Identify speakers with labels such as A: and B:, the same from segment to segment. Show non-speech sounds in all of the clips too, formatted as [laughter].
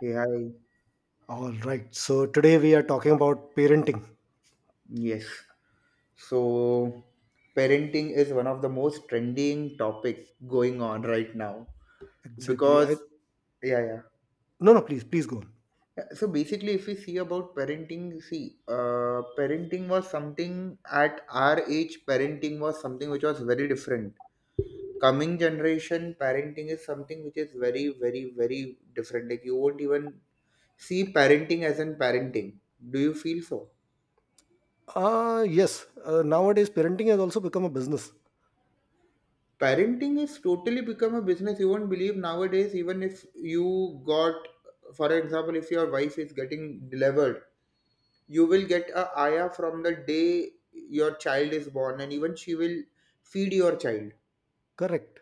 A: Hey, hi.
B: All right. So today we are talking about parenting.
A: Yes. So, parenting is one of the most trending topic going on right now
B: Exactly.
A: because
B: I
A: yeah, yeah.
B: No, please go on.
A: Yeah, So basically, if we see about parenting, see, parenting was something at our age. Parenting was something which was very different. Coming generation, parenting is something which is very, very, very different. Like you won't even see parenting as in parenting. Do you feel so?
B: Yes. Nowadays parenting has also become a business.
A: Parenting is totally become a business. You won't believe nowadays, even if you got, for example, if your wife is getting delivered, you will get a ayah from the day your child is born, and even she will feed your child,
B: Correct.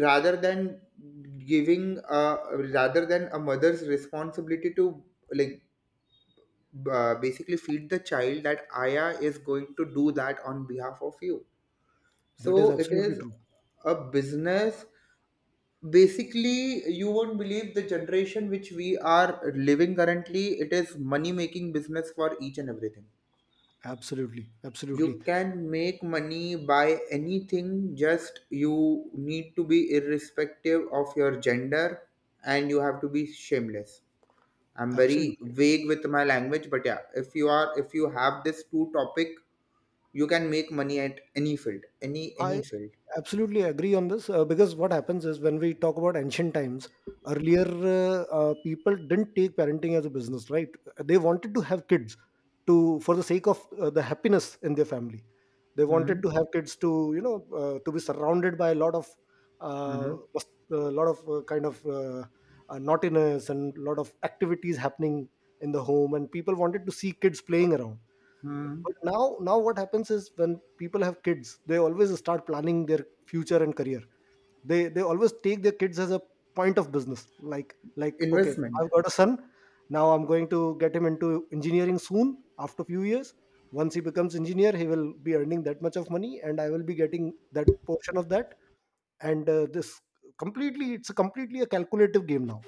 A: rather than giving rather than a mother's responsibility to, like, basically feed the child. That ayah is going to do that on behalf of you,
B: That is
A: so it
B: absolutely
A: is
B: true.
A: a business. Basically, you won't believe the generation which we are living currently. It is money making business for each and everything.
B: Absolutely. Absolutely.
A: You can make money by anything, just you need to be irrespective of your gender, and you have to be shameless. I'm very
B: Absolutely.
A: vague with my language, but yeah, if you are, if you have this two topic, you can make money at any field, any
B: I
A: field.
B: absolutely agree on this because what happens is when we talk about ancient times, earlier people didn't take parenting as a business, right? They wanted to have kids to for the sake of the happiness in their family. They wanted
A: Hmm.
B: to have kids to to be surrounded by a lot of uh,
A: Hmm.
B: kind of naughtiness and lot of activities happening in the home, and people wanted to see kids playing around
A: Hmm.
B: but now what happens is when people have kids they always start planning their future and career they always take their kids as a point of business like like okay,
A: Investment.
B: I've got a son, now I'm going to get him into engineering soon, after a few years, once he becomes engineer he will be earning that much of money and I will be getting that portion of that, and this completely it's a completely a calculative game now.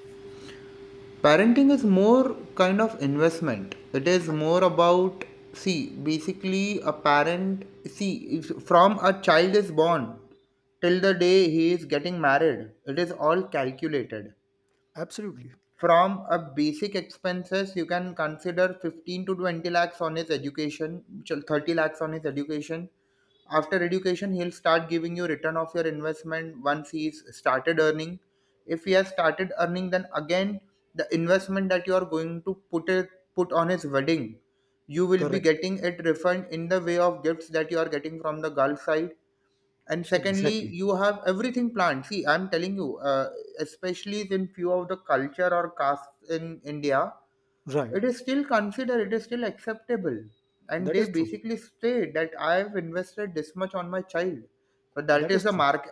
A: Parenting is more kind of investment. It is more about, see, basically a parent, see, if from a child is born till the day he is getting married, it is all calculated.
B: Absolutely.
A: From a basic expenses, you can consider 15 to 20 lakhs on his education, 30 lakhs on his education. After education, he'll start giving you return of your investment once he's started earning. If he has started earning, then again the investment that you are going to put it, put on his wedding, you will be
B: Correct.
A: getting it refund in the way of gifts that you are getting from the gulf side. And secondly,
B: Exactly.
A: you have everything planned. See, I'm telling you, especially in few of the culture or castes in India, it
B: Right.
A: is still considered, it is still acceptable, and
B: That
A: they
B: is true.
A: basically state that I have invested this much on my child. So that
B: That is
A: is a
B: true.
A: mark.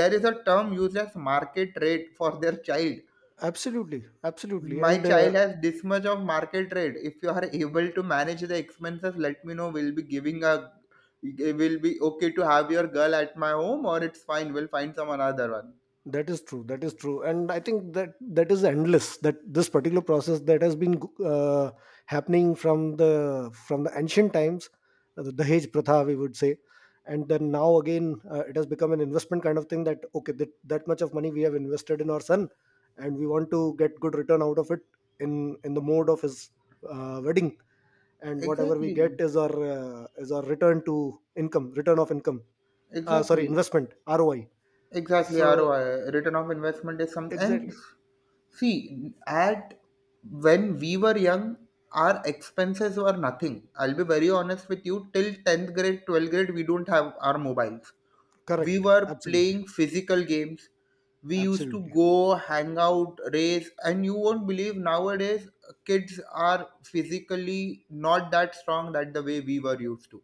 A: There is a term used as market rate for their child.
B: Absolutely, absolutely,
A: My
B: and
A: child has this much of market rate. If you are able to manage the expenses, let me know. We'll be giving a, will be okay to have your girl at my home, or it's fine, we'll find some another one.
B: that is true. That is true, and I think that that is endless. That this particular process that has been uh, happening from the ancient times, the Dahej Pratha, we would say, and then now again it has become an investment kind of thing. That okay, that much of money we have invested in our son, and we want to get good return out of it in the mode of his wedding, and whatever we get
A: Exactly.
B: is our return to income, return of income. Sorry,
A: Exactly.
B: investment, ROI.
A: Exactly.
B: So,
A: ROI, return of investment is some. And
B: exactly.
A: see, at when we were young, our expenses were nothing. I'll be very honest with you, till tenth grade, twelfth grade, we don't have our mobiles. We
B: Correct.
A: were
B: Absolutely.
A: playing physical games, we used to
B: Absolutely.
A: go hang out, race. And you won't believe, nowadays kids are physically not that strong that the way we were used to.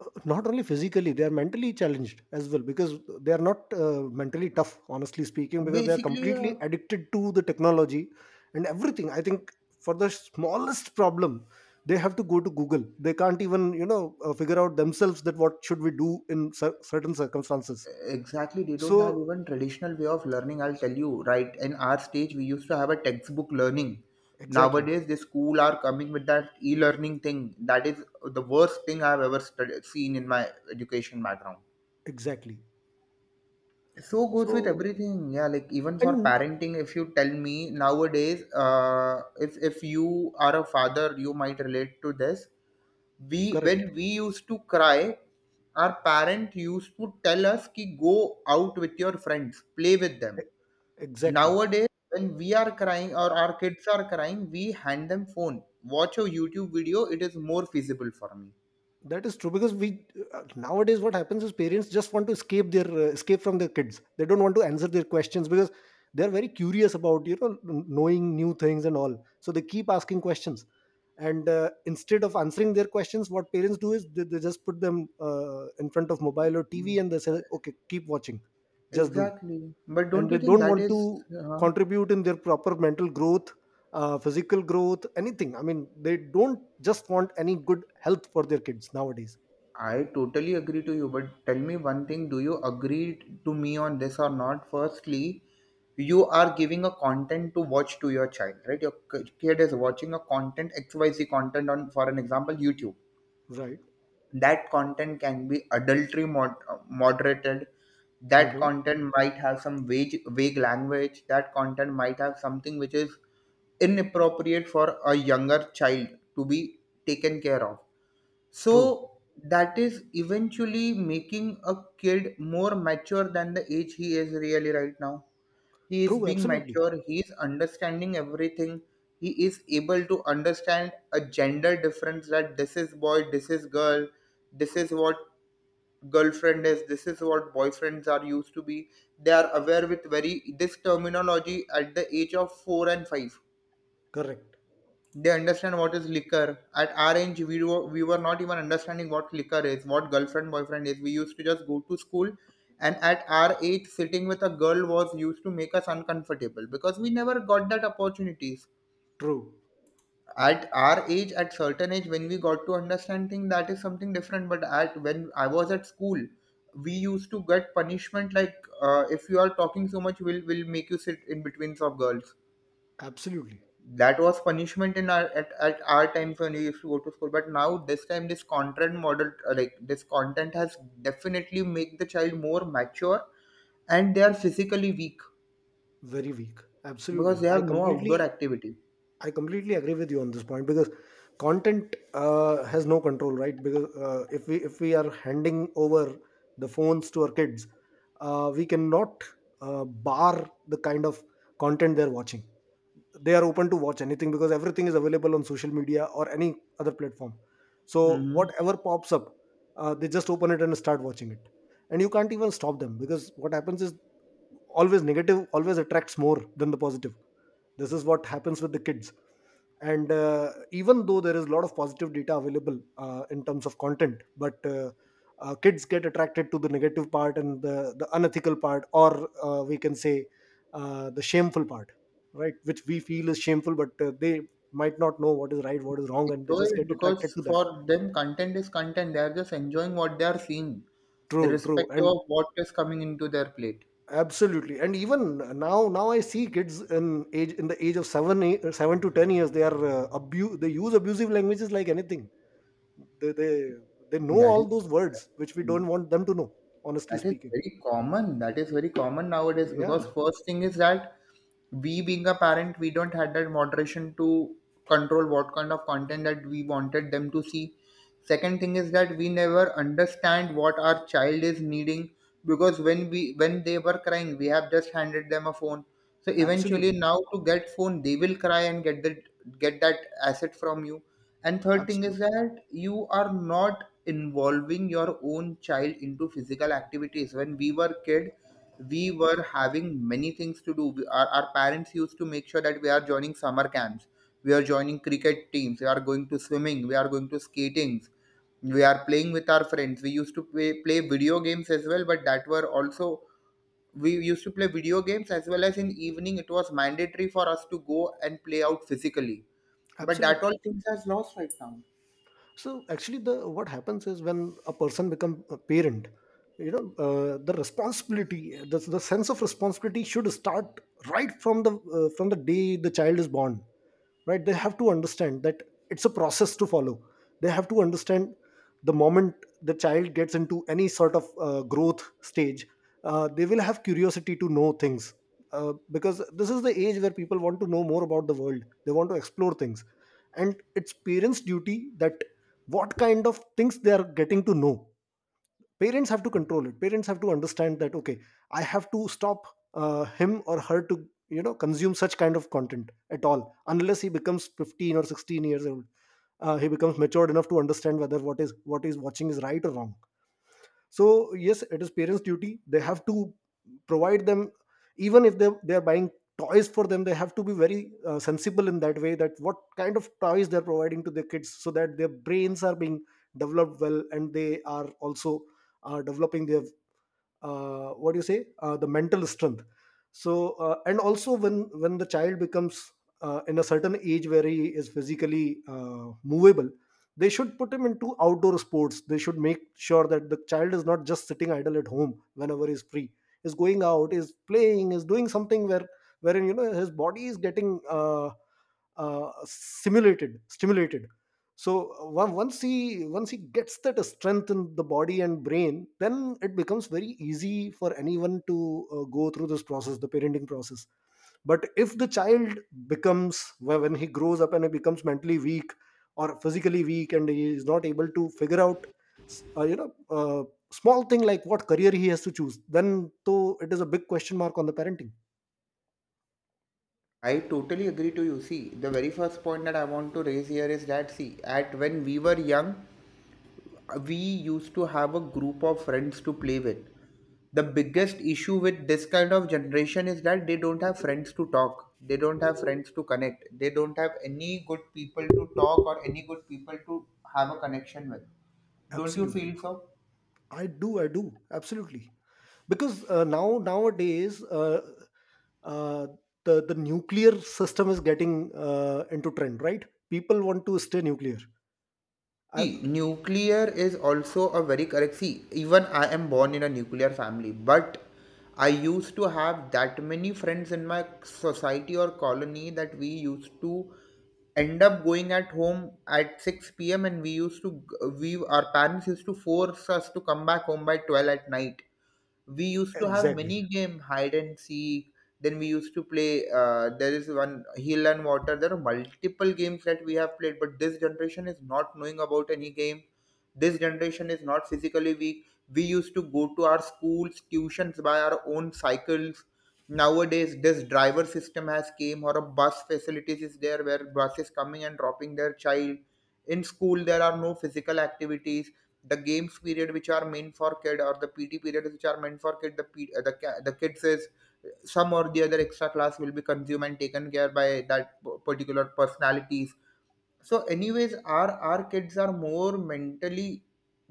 B: Not only physically, they are mentally challenged as well because they are not mentally tough, honestly speaking, because they are
A: Basically,
B: completely addicted to the technology and everything. I think for the smallest problem, they have to go to Google. They can't even, you know, figure out themselves that what should we do in certain circumstances.
A: exactly, they don't have
B: So,
A: even traditional way of learning. I'll tell you, right, in our stage we used to have a textbook learning.
B: exactly,
A: Nowadays, the school are coming with that e-learning thing. That is the worst thing I've ever seen in my education background.
B: exactly.
A: So goes with
B: So,
A: everything. Yeah, like even for
B: and
A: parenting, if you tell me nowadays, if you are a father, you might relate to this. We, when
B: correct.
A: we used to cry, our parent used to tell us ki go out with your friends, play with them.
B: E- Exactly.
A: Nowadays, when we are crying or our kids are crying, we hand them phone. Watch a YouTube video. It is more feasible for me.
B: That is true because we nowadays what happens is parents just want to escape their escape from their kids. They don't want to answer their questions because they are very curious about knowing new things and all. So they keep asking questions, and instead of answering their questions, what parents do is they just put them in front of mobile or TV and they say, "Okay, keep watching, just do,"
A: Exactly. But don't
B: and
A: you
B: they
A: think
B: don't
A: that
B: want
A: is?
B: to
A: Uh,
B: contribute in their proper mental growth, physical growth, anything. I mean, they don't just want any good health for their kids nowadays.
A: I totally agree to you, but tell me one thing, do you agree to me on this or not? Firstly, you are giving a content to watch to your child, right? Your kid is watching a content, XYZ content on, for an example, YouTube.
B: Right.
A: That content can be adultery moderated. That
B: Mhm.
A: content might have some vague, vague language. That content might have something which is inappropriate for a younger child to be taken care of.
B: True.
A: So that is eventually making a kid more mature than the age he is really right now. He is
B: True.
A: being
B: Absolutely.
A: mature, he is understanding everything. He is able to understand a gender difference, that this is boy, this is girl, this is what girlfriend is, this is what boyfriends are used to be. They are aware with very this terminology at the age of 4 and 5.
B: Correct.
A: They understand what is liquor. At our age, we were not even understanding what liquor is, what girlfriend boyfriend is. We used to just go to school, and at our age, sitting with a girl was used to make us uncomfortable because we never got that opportunities.
B: True.
A: At our age, at certain age when we got to understand things, that is something different. But at when I was at school, we used to get punishment like, if you are talking so much, will make you sit in between of girls.
B: Absolutely.
A: That was punishment in our, at our times when we used to go to school. But now, this time, this content model, like, this content has definitely make the child more mature, and they are physically weak
B: Very weak.
A: because
B: Absolutely.
A: they have no outdoor activity.
B: I completely agree with you on this point because content has no control, right? Because if we are handing over the phones to our kids, we cannot bar the kind of content they're watching. They are open to watch anything because everything is available on social media or any other platform, so
A: Mm-hmm.
B: whatever pops up, they just open it and start watching it, and you can't even stop them because what happens is, always negative always attracts more than the positive. This is what happens with the kids, and even though there is a lot of positive data available in terms of content, but kids get attracted to the negative part and the unethical part, or we can say the shameful part, right, which we feel is shameful, but they might not know what is right, what is wrong, and they
A: Enjoy
B: just
A: it,
B: get attracted
A: because
B: to that.
A: for them content is content, they are just enjoying what they are seeing,
B: True, true,
A: irrespective
B: and
A: of what is coming into their plate.
B: absolutely, and even now I see kids in age in the age of 7 eight, 7 to 10 years, they are they use abusive languages like anything. They they know
A: That
B: all
A: is,
B: those words which we don't want them to know, honestly
A: that is
B: speaking.
A: very common. That is very common nowadays, because
B: Yeah,
A: first thing is that we, being a parent, we don't had that moderation to control what kind of content that we wanted them to see. Second thing is that we never understand what our child is needing, because when we, when they were crying, we have just handed them a phone. So eventually,
B: absolutely,
A: now to get phone, they will cry and get that, get that asset from you. And third thing is
B: absolutely,
A: that you are not involving your own child into physical activities. When we were kid, we were having many things to do. Our parents used to make sure that we are joining summer camps, we are joining cricket teams, we are going to swimming, we are going to skatings, we are playing with our friends. We used to play video games as well, but that were also, we used to play video games as well, as in evening it was mandatory for us to go and play out physically. But that
B: absolutely.
A: all things has lost right now.
B: So actually the what happens is when a person become a parent, you know, the responsibility, the sense of responsibility should start right from the day the child is born, right? They have to understand that it's a process to follow. They have to understand, the moment the child gets into any sort of growth stage, they will have curiosity to know things, because this is the age where people want to know more about the world, they want to explore things, and it's parents duty that what kind of things they are getting to know. Parents have to control it, parents have to understand that okay, I have to stop him or her to you know consume such kind of content at all unless he becomes 15 or 16 years old, he becomes matured enough to understand whether what is watching is right or wrong. So yes, it is parents duty, they have to provide them, even if they are buying toys for them, they have to be very sensible in that way, that what kind of toys they are providing to their kids, so that their brains are being developed well, and they are also developing their what do you say, the mental strength. So and also when the child becomes in a certain age where he is physically movable, they should put him into outdoor sports, they should make sure that the child is not just sitting idle at home. Whenever he's free, is going out, is playing, is doing something where wherein, you know, his body is getting simulated stimulated. So once he gets that strength in the body and brain, then it becomes very easy for anyone to go through this process, the parenting process. But if the child becomes, when he grows up and he becomes mentally weak or physically weak, and he is not able to figure out you know, small thing like what career he has to choose, then though it is a big question mark on the parenting.
A: I totally agree to you. See, the very first point that I want to raise here is that, see, at when we were young, we used to have a group of friends to play with. The biggest issue with this kind of generation is that they don't have friends to talk. They don't have friends to connect. They don't have any good people to talk or any good people to have a connection with. Don't you
B: Absolutely.
A: feel so?
B: I do, I do, absolutely, because nowadays uh, the nuclear system is getting into trend, right? People want to stay nuclear. I,
A: See, nuclear is also a very correct. See, even I am born in a nuclear family, but I used to have that many friends in my society or colony that we used to end up going at home at 6 p.m. and we used to, we, our parents used to force us to come back home by 12 at night. We used to have many
B: exactly.
A: game, hide and seek, then we used to play. There is one hill and water. There are multiple games that we have played, but this generation is not knowing about any game. This generation is not physically weak. We used to go to our schools, tuitions by our own cycles. Nowadays, this driver system has came, or a bus facilities is there where buses coming and dropping their child. In school, there are no physical activities. The games period which are meant for kid or the PT period, which are meant for kid the the kids is some or the other extra class will be consumed and taken care by that particular personalities. So anyways, our kids are more mentally,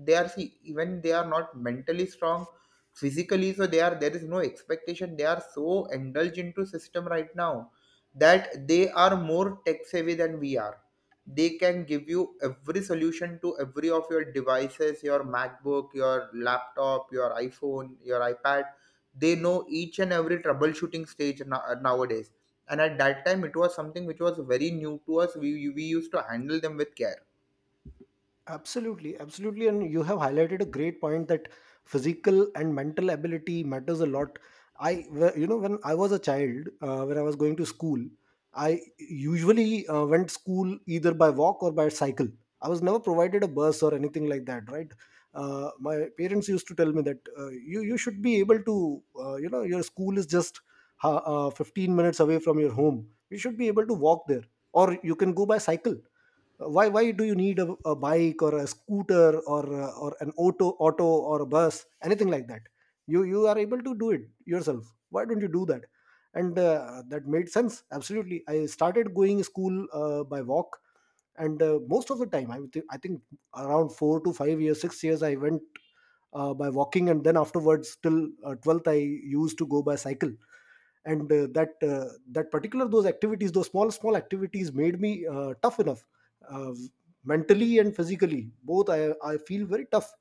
A: they are, see, even they are not mentally strong physically, so they are, there is no expectation, they are so indulged into system right now that they are more tech savvy than we are. They can give you every solution to every of your devices, your MacBook, your laptop, your iPhone, your iPad. They know each and every troubleshooting stage nowadays. And at that time it was something which was very new to us. We used to handle them with care.
B: Absolutely, absolutely, and you have highlighted a great point that physical and mental ability matters a lot. You know, when I was a child, when I was going to school, I usually went school either by walk or by cycle. I was never provided a bus or anything like that, right? My parents used to tell me that you should be able to, you know, your school is just 15 minutes away from your home. You should be able to walk there, or you can go by cycle. Why why do you need a bike or a scooter, or an auto or a bus, anything like that? You are able to do it yourself, why don't you do that? And that made sense. Absolutely, I started going school by walk, and most of the time I think around 4 to 5 years, 6 years I went by walking, and then afterwards till 12th I used to go by cycle. And that particular, those activities, those small activities made me tough enough, uh, mentally and physically both. I feel very tough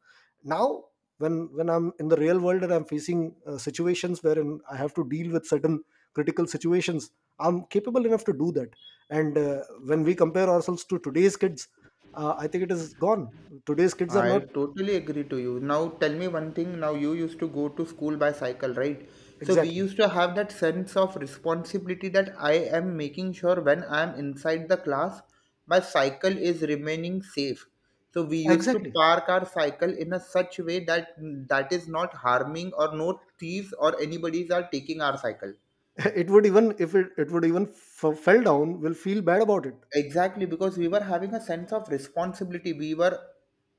B: now, when I'm in the real world and I'm facing situations wherein I have to deal with certain critical situations, I'm capable enough to do that. And when we compare ourselves to today's kids, I think it is gone. Today's kids are
A: I
B: not.
A: totally agree to you. Now tell me one thing, now you used to go to school by cycle, right? So we
B: Exactly,
A: used to have that sense of responsibility that I am making sure when I am inside the class my cycle is remaining safe. So we used to
B: exactly.
A: park our cycle in a such way that that is not harming or no thieves or anybody's are taking our cycle.
B: [laughs] It would, even if it would even fell down, will feel bad about it.
A: Exactly, because we were having a sense of responsibility, we were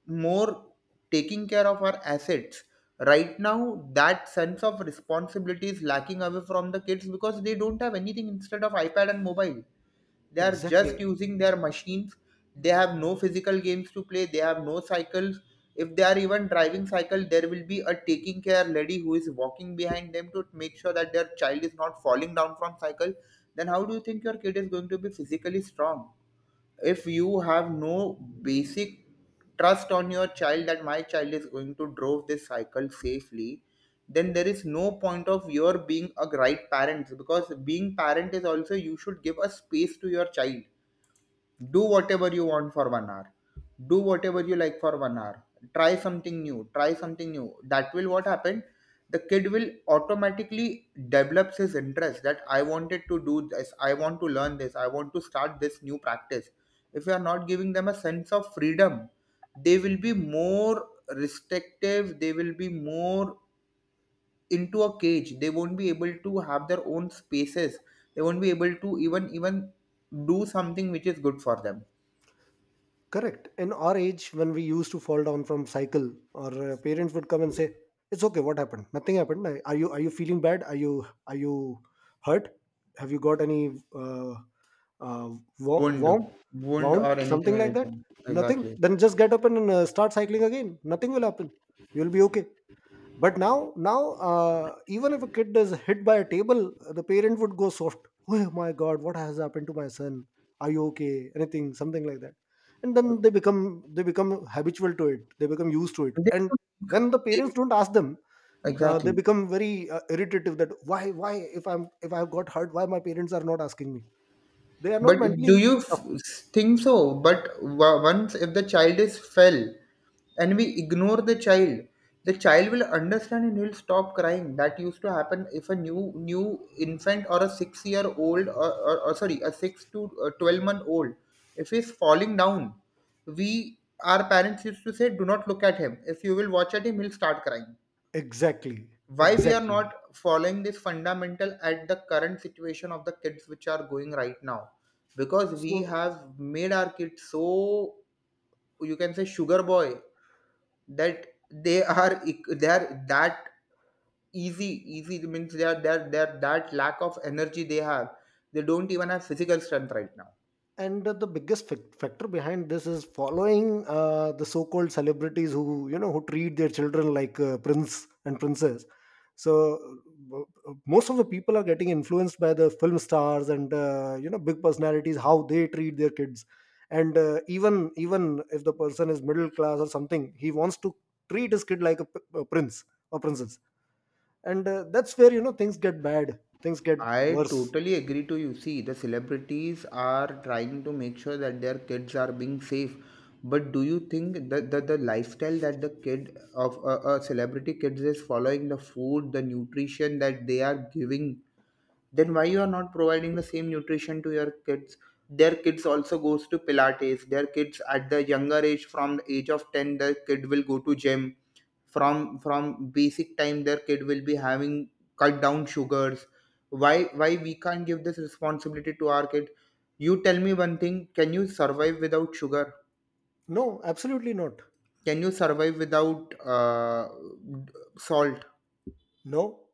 A: more taking care of our assets. Right now that sense of responsibility is lacking away from the kids because they don't have anything instead of iPad and mobile. They are just
B: Exactly.
A: using their machines. They have no physical games to play, they have no cycles. If they are even driving cycle, there will be a taking care lady who is walking behind them to make sure that their child is not falling down from cycle. Then how do you think your kid is going to be physically strong if you have no basic trust on your child that my child is going to drove this cycle safely? Then there is no point of your being a right parent, because being parent is also you should give a space to your child. Do whatever you want for 1 hour, do whatever you like for 1 hour. Try something new, try something new. That will what happen? The kid will automatically develops his interest that I wanted to do this, I want to learn this, I want to start this new practice. If you are not giving them a sense of freedom, they will be more restrictive, they will be more into a cage. They won't be able to have their own spaces, they won't be able to even do something which is good for them.
B: Correct. In our age, when we used to fall down from cycle, our parents would come and say, "It's okay. What happened? Nothing happened. Are you, are you feeling bad? Are you, are you hurt? Have you got any uh, uh,
A: Wound,
B: wound?
A: wound
B: Wound?
A: or anything,
B: Something like that?
A: anything.
B: Nothing.
A: Exactly.
B: Then just get up and start cycling again. Nothing will happen. You'll be okay." But now, even if a kid is hit by a table, the parent would go soft. Oh my God, what has happened to my son? Are you okay? Anything, something like that. And then they become habitual to it. They become used to it.
A: They-
B: And when the
A: they-
B: parents don't ask them, they
A: Exactly.
B: become very irritative. That why, if I've got hurt, why my parents are not asking me? They are not
A: But do
B: mentally
A: you
B: tough.
A: think so? But once if the child is fell and we ignore the child will understand and he'll stop crying. That used to happen. If a new infant or a 6 year old or, sorry, a six to twelve month old, if he's falling down, we our parents used to say, do not look at him. If you will watch at him, he'll start crying.
B: Exactly,
A: Why we are
B: exactly.
A: not following this fundamental at the current situation of the kids which are going right now? Because we
B: So
A: have made our kids so, you can say, sugar boy, that they are they are that easy means they are that lack of energy they have. They don't even have physical strength right now.
B: and the biggest factor behind this is following the so-called celebrities who you know who treat their children like prince and princess. so uh, Most of the people are getting influenced by the film stars and big personalities, how they treat their kids. And even if the person is middle class or something, he wants to treat his kid like a, a prince or princess. And that's where, you know, things get bad things get
A: I
B: worse
A: totally agree to you. See, the celebrities are trying to make sure that their kids are being safe. But do you think that the lifestyle that the kid of a celebrity kids is following, the food, the nutrition that they are giving, then why you are not providing the same nutrition to your kids? Their kids also goes to pilates. Their kids at the younger age, from the age of 10, their kid will go to gym. From basic time, their kid will be having cut down sugars. Why why we can't give this responsibility to our kid? You tell me one thing, can you survive without sugar?
B: No, absolutely not.
A: Can you survive without salt?
B: No.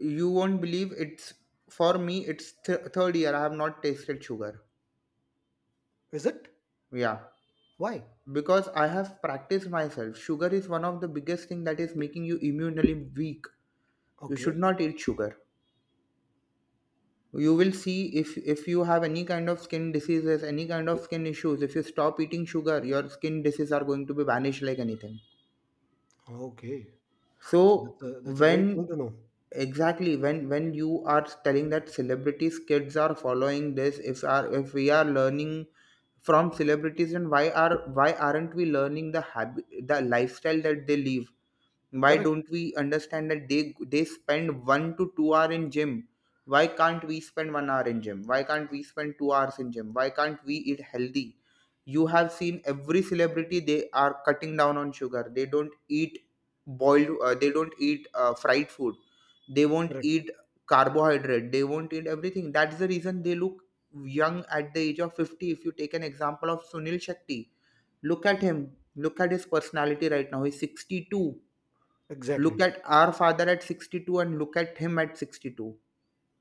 A: You won't believe, it's, for me, it's third year I have not tasted sugar.
B: Is it?
A: Yeah,
B: Why?
A: because I have practiced myself, sugar is one of the biggest thing that is making you immunely weak. You should
B: Okay.
A: not eat sugar. You will see, if you have any kind of skin diseases, any kind of skin issues, if you stop eating sugar, your skin diseases are going to be vanished like anything.
B: Okay.
A: So
B: So that's a
A: when,
B: great thing to know.
A: exactly, when you are telling that celebrities kids are following this, if we are learning from celebrities, and why are, why aren't we learning the habit, the lifestyle that they live? Why
B: Correct.
A: don't we understand that they spend 1 to 2 hour in gym? Why can't we spend 1 hour in gym? Why can't we spend 2 hours in gym? Why can't we eat healthy? You have seen every celebrity, they are cutting down on sugar, they don't eat boiled, they don't eat fried food, they won't
B: Correct.
A: eat carbohydrate, they won't eat everything. That's the reason they look young at the age of 50. If you take an example of Sunil Shetty, look at him, look at his personality right now, he's 62. Look
B: Exactly.
A: at our father at 62 and look at him at 62.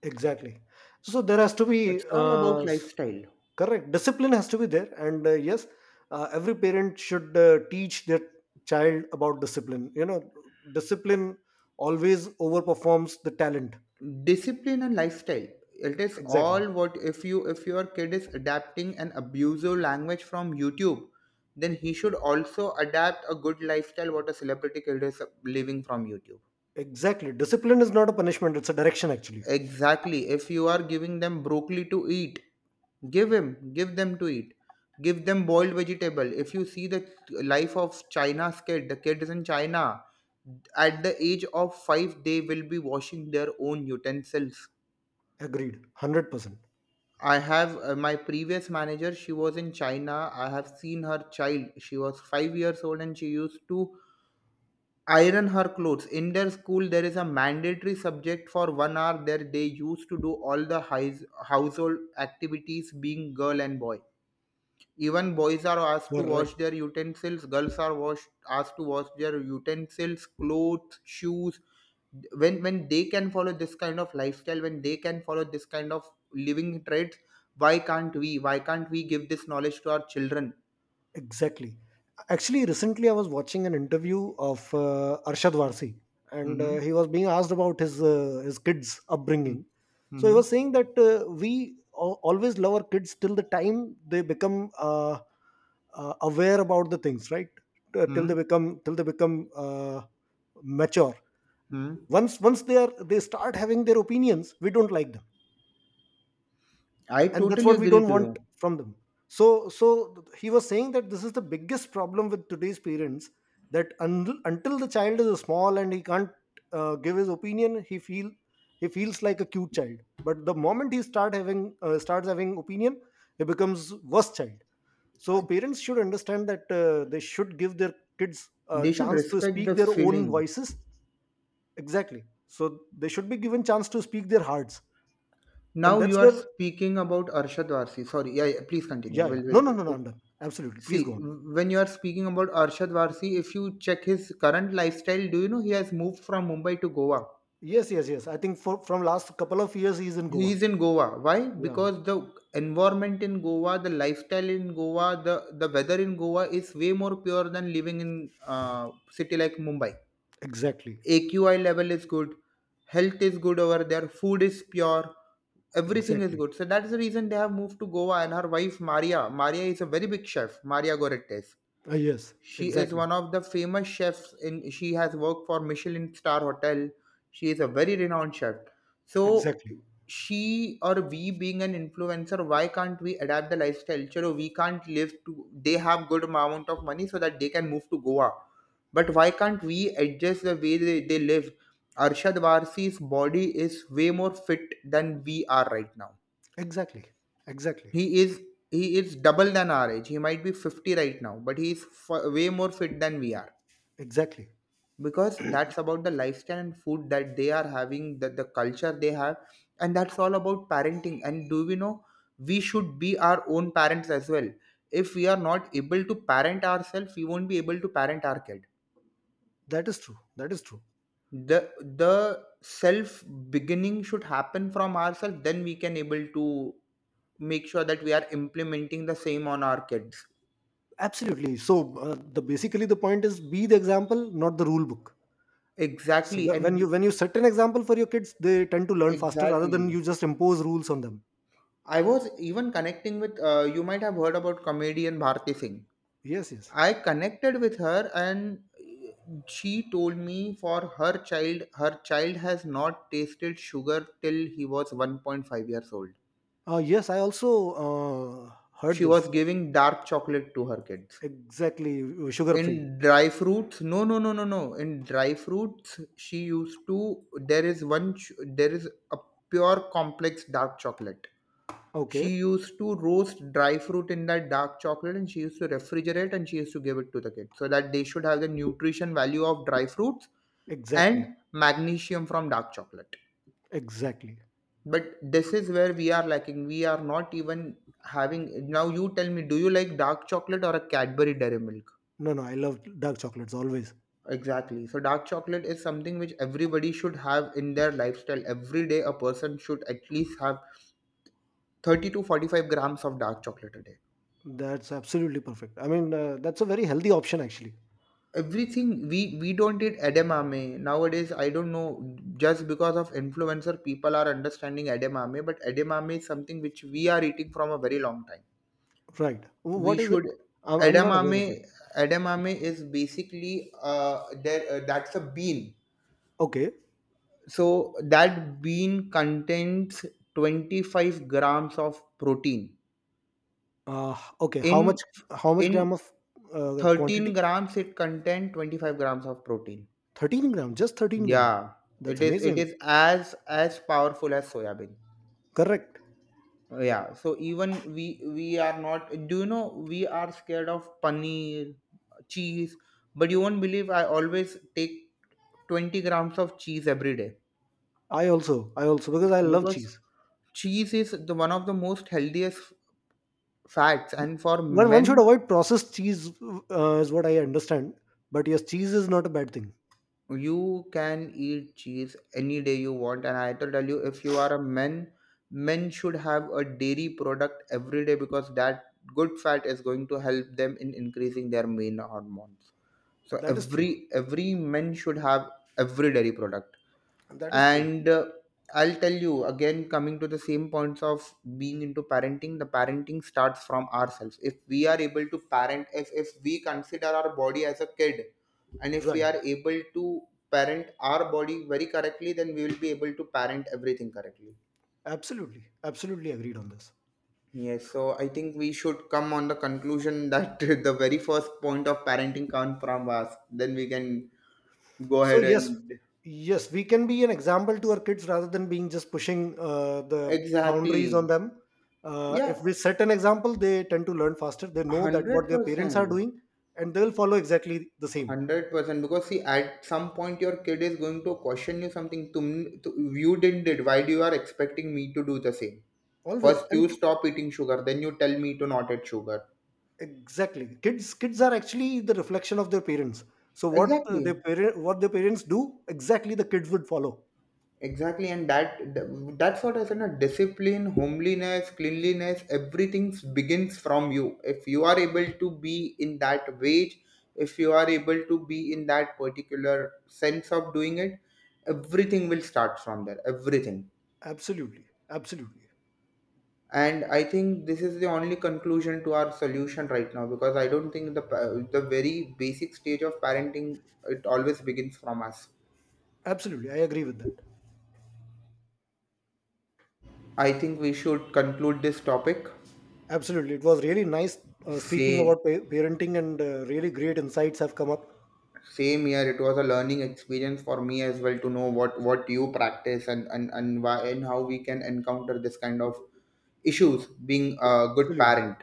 B: Exactly. So there has to be
A: It's all about lifestyle.
B: correct discipline has to be there, and yes, every parent should teach their child about discipline. You know, discipline always overperforms the talent.
A: Discipline and lifestyle. It is
B: Exactly.
A: all what, if your kid is adapting an abusive language from YouTube, then he should also adapt a good lifestyle what a celebrity kid is living from YouTube.
B: Exactly. Discipline is not a punishment; it's a direction. Actually,
A: Exactly. If you are giving them broccoli to eat, give him, give them to eat. Give them boiled vegetable. If you see the life of China's kid, the kids in China, at the age of 5, they will be washing their own utensils.
B: agreed. 100%.
A: I have my previous manager, she was in China. I have seen her child. She was 5 years old and she used to iron her clothes. In their school there is a mandatory subject for 1 hour. There they used to do all the household activities, being girl and boy. Even boys are asked to wash
B: Correct.
A: their utensils, girls are asked to wash their utensils, clothes, shoes. When they can follow this kind of lifestyle, when they can follow this kind of living traits, why can't we, why can't we give this knowledge to our children?
B: Exactly. Actually, recently I was watching an interview of Arshad Varsi, and
A: Hmm.
B: he was being asked about his kids'
A: Hmm.
B: upbringing. So he
A: Hmm.
B: was saying that we always love our kids till the time they become aware about the things, right? T- till
A: Hmm.
B: they become till they become uh, mature.
A: Hmm.
B: Once they are, they start having their opinions, we don't like them,
A: I
B: and that's
A: totally
B: what we
A: agree
B: don't
A: to you.
B: want from them. So he was saying that this is the biggest problem with today's parents, that until the child is small and he can't give his opinion, he feels like a cute child, but the moment he starts having opinion, he becomes worse child. So parents should understand that they should give their kids a
A: They should
B: chance to
A: respect
B: speak
A: the
B: their own
A: feeling.
B: voices. Exactly. So they should be given chance to speak their hearts. And
A: Now
B: that's
A: you are
B: where.
A: speaking about Arshad Varsi. Sorry, yeah, yeah, please continue.
B: Yeah, yeah,
A: Will
B: no
A: will
B: no no no
A: will.
B: I'm done. Absolutely, please go
A: See,
B: on.
A: when you are speaking about Arshad Varsi. If you check his current lifestyle, do you know he has moved from Mumbai to Goa?
B: Yes, yes, yes. I think for from last couple of years he's in
A: He
B: Goa.
A: is in Goa. Why?
B: Yeah,
A: Because the environment in Goa, the lifestyle in Goa, the weather in Goa is way more pure than living in, uh, city like Mumbai.
B: exactly,
A: AQI level is good, health is good over there, food is pure, everything is
B: exactly.
A: good. So that's the reason they have moved to Goa. And her wife Maria, Maria is a very big chef, Maria Gorettes.
B: Yes,
A: She is
B: exactly,
A: one of the famous chefs in, she has worked for Michelin star hotel. She is a very renowned chef. So
B: exactly,
A: she, or we being an influencer, why can't we adapt the lifestyle? Chalo, we can't live to, they have good amount of money so that they can move to Goa. But why can't we adjust the way they live? Arshad Varsi's body is way more fit than we are right now.
B: exactly, exactly,
A: He is he is double than our age. He might be 50 right now, but he is way more fit than we are,
B: exactly.
A: because that's about the lifestyle and food that they are having, that the culture they have. And that's all about parenting, and do we know, we should be our own parents as well. If we are not able to parent ourselves, we won't be able to parent our kid.
B: That is true. That is true.
A: The the self beginning should happen from ourselves, then we can able to make sure that we are implementing the same on our kids.
B: Absolutely. So the basically the point is be the example, not the rule book. So
A: Exactly,
B: wh- when
A: and
B: you when you set an example for your kids, they tend to learn faster rather than
A: exactly,
B: you just impose rules on them.
A: I was even connecting with, you might have heard about comedian Bharti Singh.
B: Yes, yes.
A: I connected with her and she told me, for her child, her child has not tasted sugar till he was 1.5 years old.
B: Yes, I also heard
A: She was
B: this.
A: giving dark chocolate to her kids.
B: Exactly, sugar free.
A: In dry fruits, no, no, no, no, no. In dry fruits, she used to. There is one. There is a pure complex dark chocolate. She
B: Okay,
A: used to roast dry fruit in that dark chocolate, and she used to refrigerate, and she used to give it to the kids so that they should have the nutrition value of dry fruits
B: exactly,
A: and magnesium from dark chocolate.
B: exactly.
A: But this is where we are lacking. We are not even having. Now, you tell me, do you like dark chocolate or a Cadbury Dairy Milk?
B: No, no, I love dark chocolates always.
A: Exactly. So, dark chocolate is something which everybody should have in their lifestyle. Every day, a person should at least have 30 to 45 grams of dark chocolate a day.
B: That's absolutely perfect. I mean, that's a very healthy option actually.
A: Everything we don't eat edamame nowadays. I don't know, just because of influencer people are understanding edamame, but edamame is something which we are eating from a very long time.
B: Right.
A: We
B: What is it?
A: should
B: I'm not aware
A: Edamame,
B: of it.
A: edamame is basically there that's a bean.
B: Okay.
A: So that bean contains 25 grams of protein
B: Okay.
A: in
B: How much? How much gram
A: in
B: of
A: 13
B: quantity?
A: grams it contains 25 grams of protein.
B: 13 grams. Just 13 grams.
A: Yeah, it
B: That's
A: is it
B: amazing.
A: is as powerful as soya bean.
B: Correct.
A: Yeah, so even we are not, do you know, we are scared of paneer, cheese. But you won't believe, I always take 20 grams of cheese every day,
B: I also. I also because I love
A: because
B: cheese.
A: cheese is the one of the most healthiest fats,
B: Th-
A: and for
B: one should
A: men,
B: avoid processed cheese, is what I understand. But yes, cheese is not a bad thing.
A: you can eat cheese any day you want. And I tell you, if you are a man, men should have a dairy product every day because that good fat is going to help them in increasing their main hormones. So
B: That is true.
A: every men should have every dairy product.
B: That is true.
A: And I'll tell you, again coming to the same points of being into parenting, the parenting starts from ourselves. If we are able to parent, if we consider our body as a kid and if we
B: Right.
A: are able to parent our body very correctly, then we will be able to parent everything correctly.
B: Absolutely. Absolutely agreed on this.
A: Yes, so I think we should come on the conclusion that [laughs] the very first point of parenting comes from us, then we can go
B: So
A: ahead
B: yes,
A: and
B: yes, we can be an example to our kids rather than being just pushing the boundaries on
A: exactly.
B: them.
A: Yeah,
B: If we set an example, they tend to learn faster. They know that what their parents are
A: 100%,
B: doing, and they'll follow exactly the same
A: 100%, because see, at some point your kid is going to question you something, tum, you didn't did, why do you are expecting me to do the same.
B: always.
A: First you stop eating sugar, then you tell me to not eat sugar.
B: Exactly, kids are actually the reflection of their parents. So what
A: Exactly,
B: their parent what their parents do, exactly the kids would follow.
A: exactly, and that, that's what I said na, discipline, homeliness, cleanliness, everything begins from you. If you are able to be in that wage, if you are able to be in that particular sense of doing it, everything will start from there, everything.
B: Absolutely, absolutely,
A: And I think this is the only conclusion to our solution right now, because I don't think the very basic stage of parenting, it always begins from us.
B: absolutely. I agree with that.
A: I think we should conclude this topic.
B: Absolutely. It was really nice speaking
A: Say
B: about parenting, and really great insights have come up.
A: Same here. It was a learning experience for me as well to know what you practice and why and how we can encounter this kind of issues being a good
B: Absolutely.
A: parent.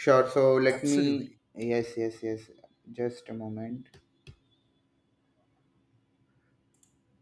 A: Sure, so let me,
B: Absolutely.
A: yes, yes, yes, just a moment.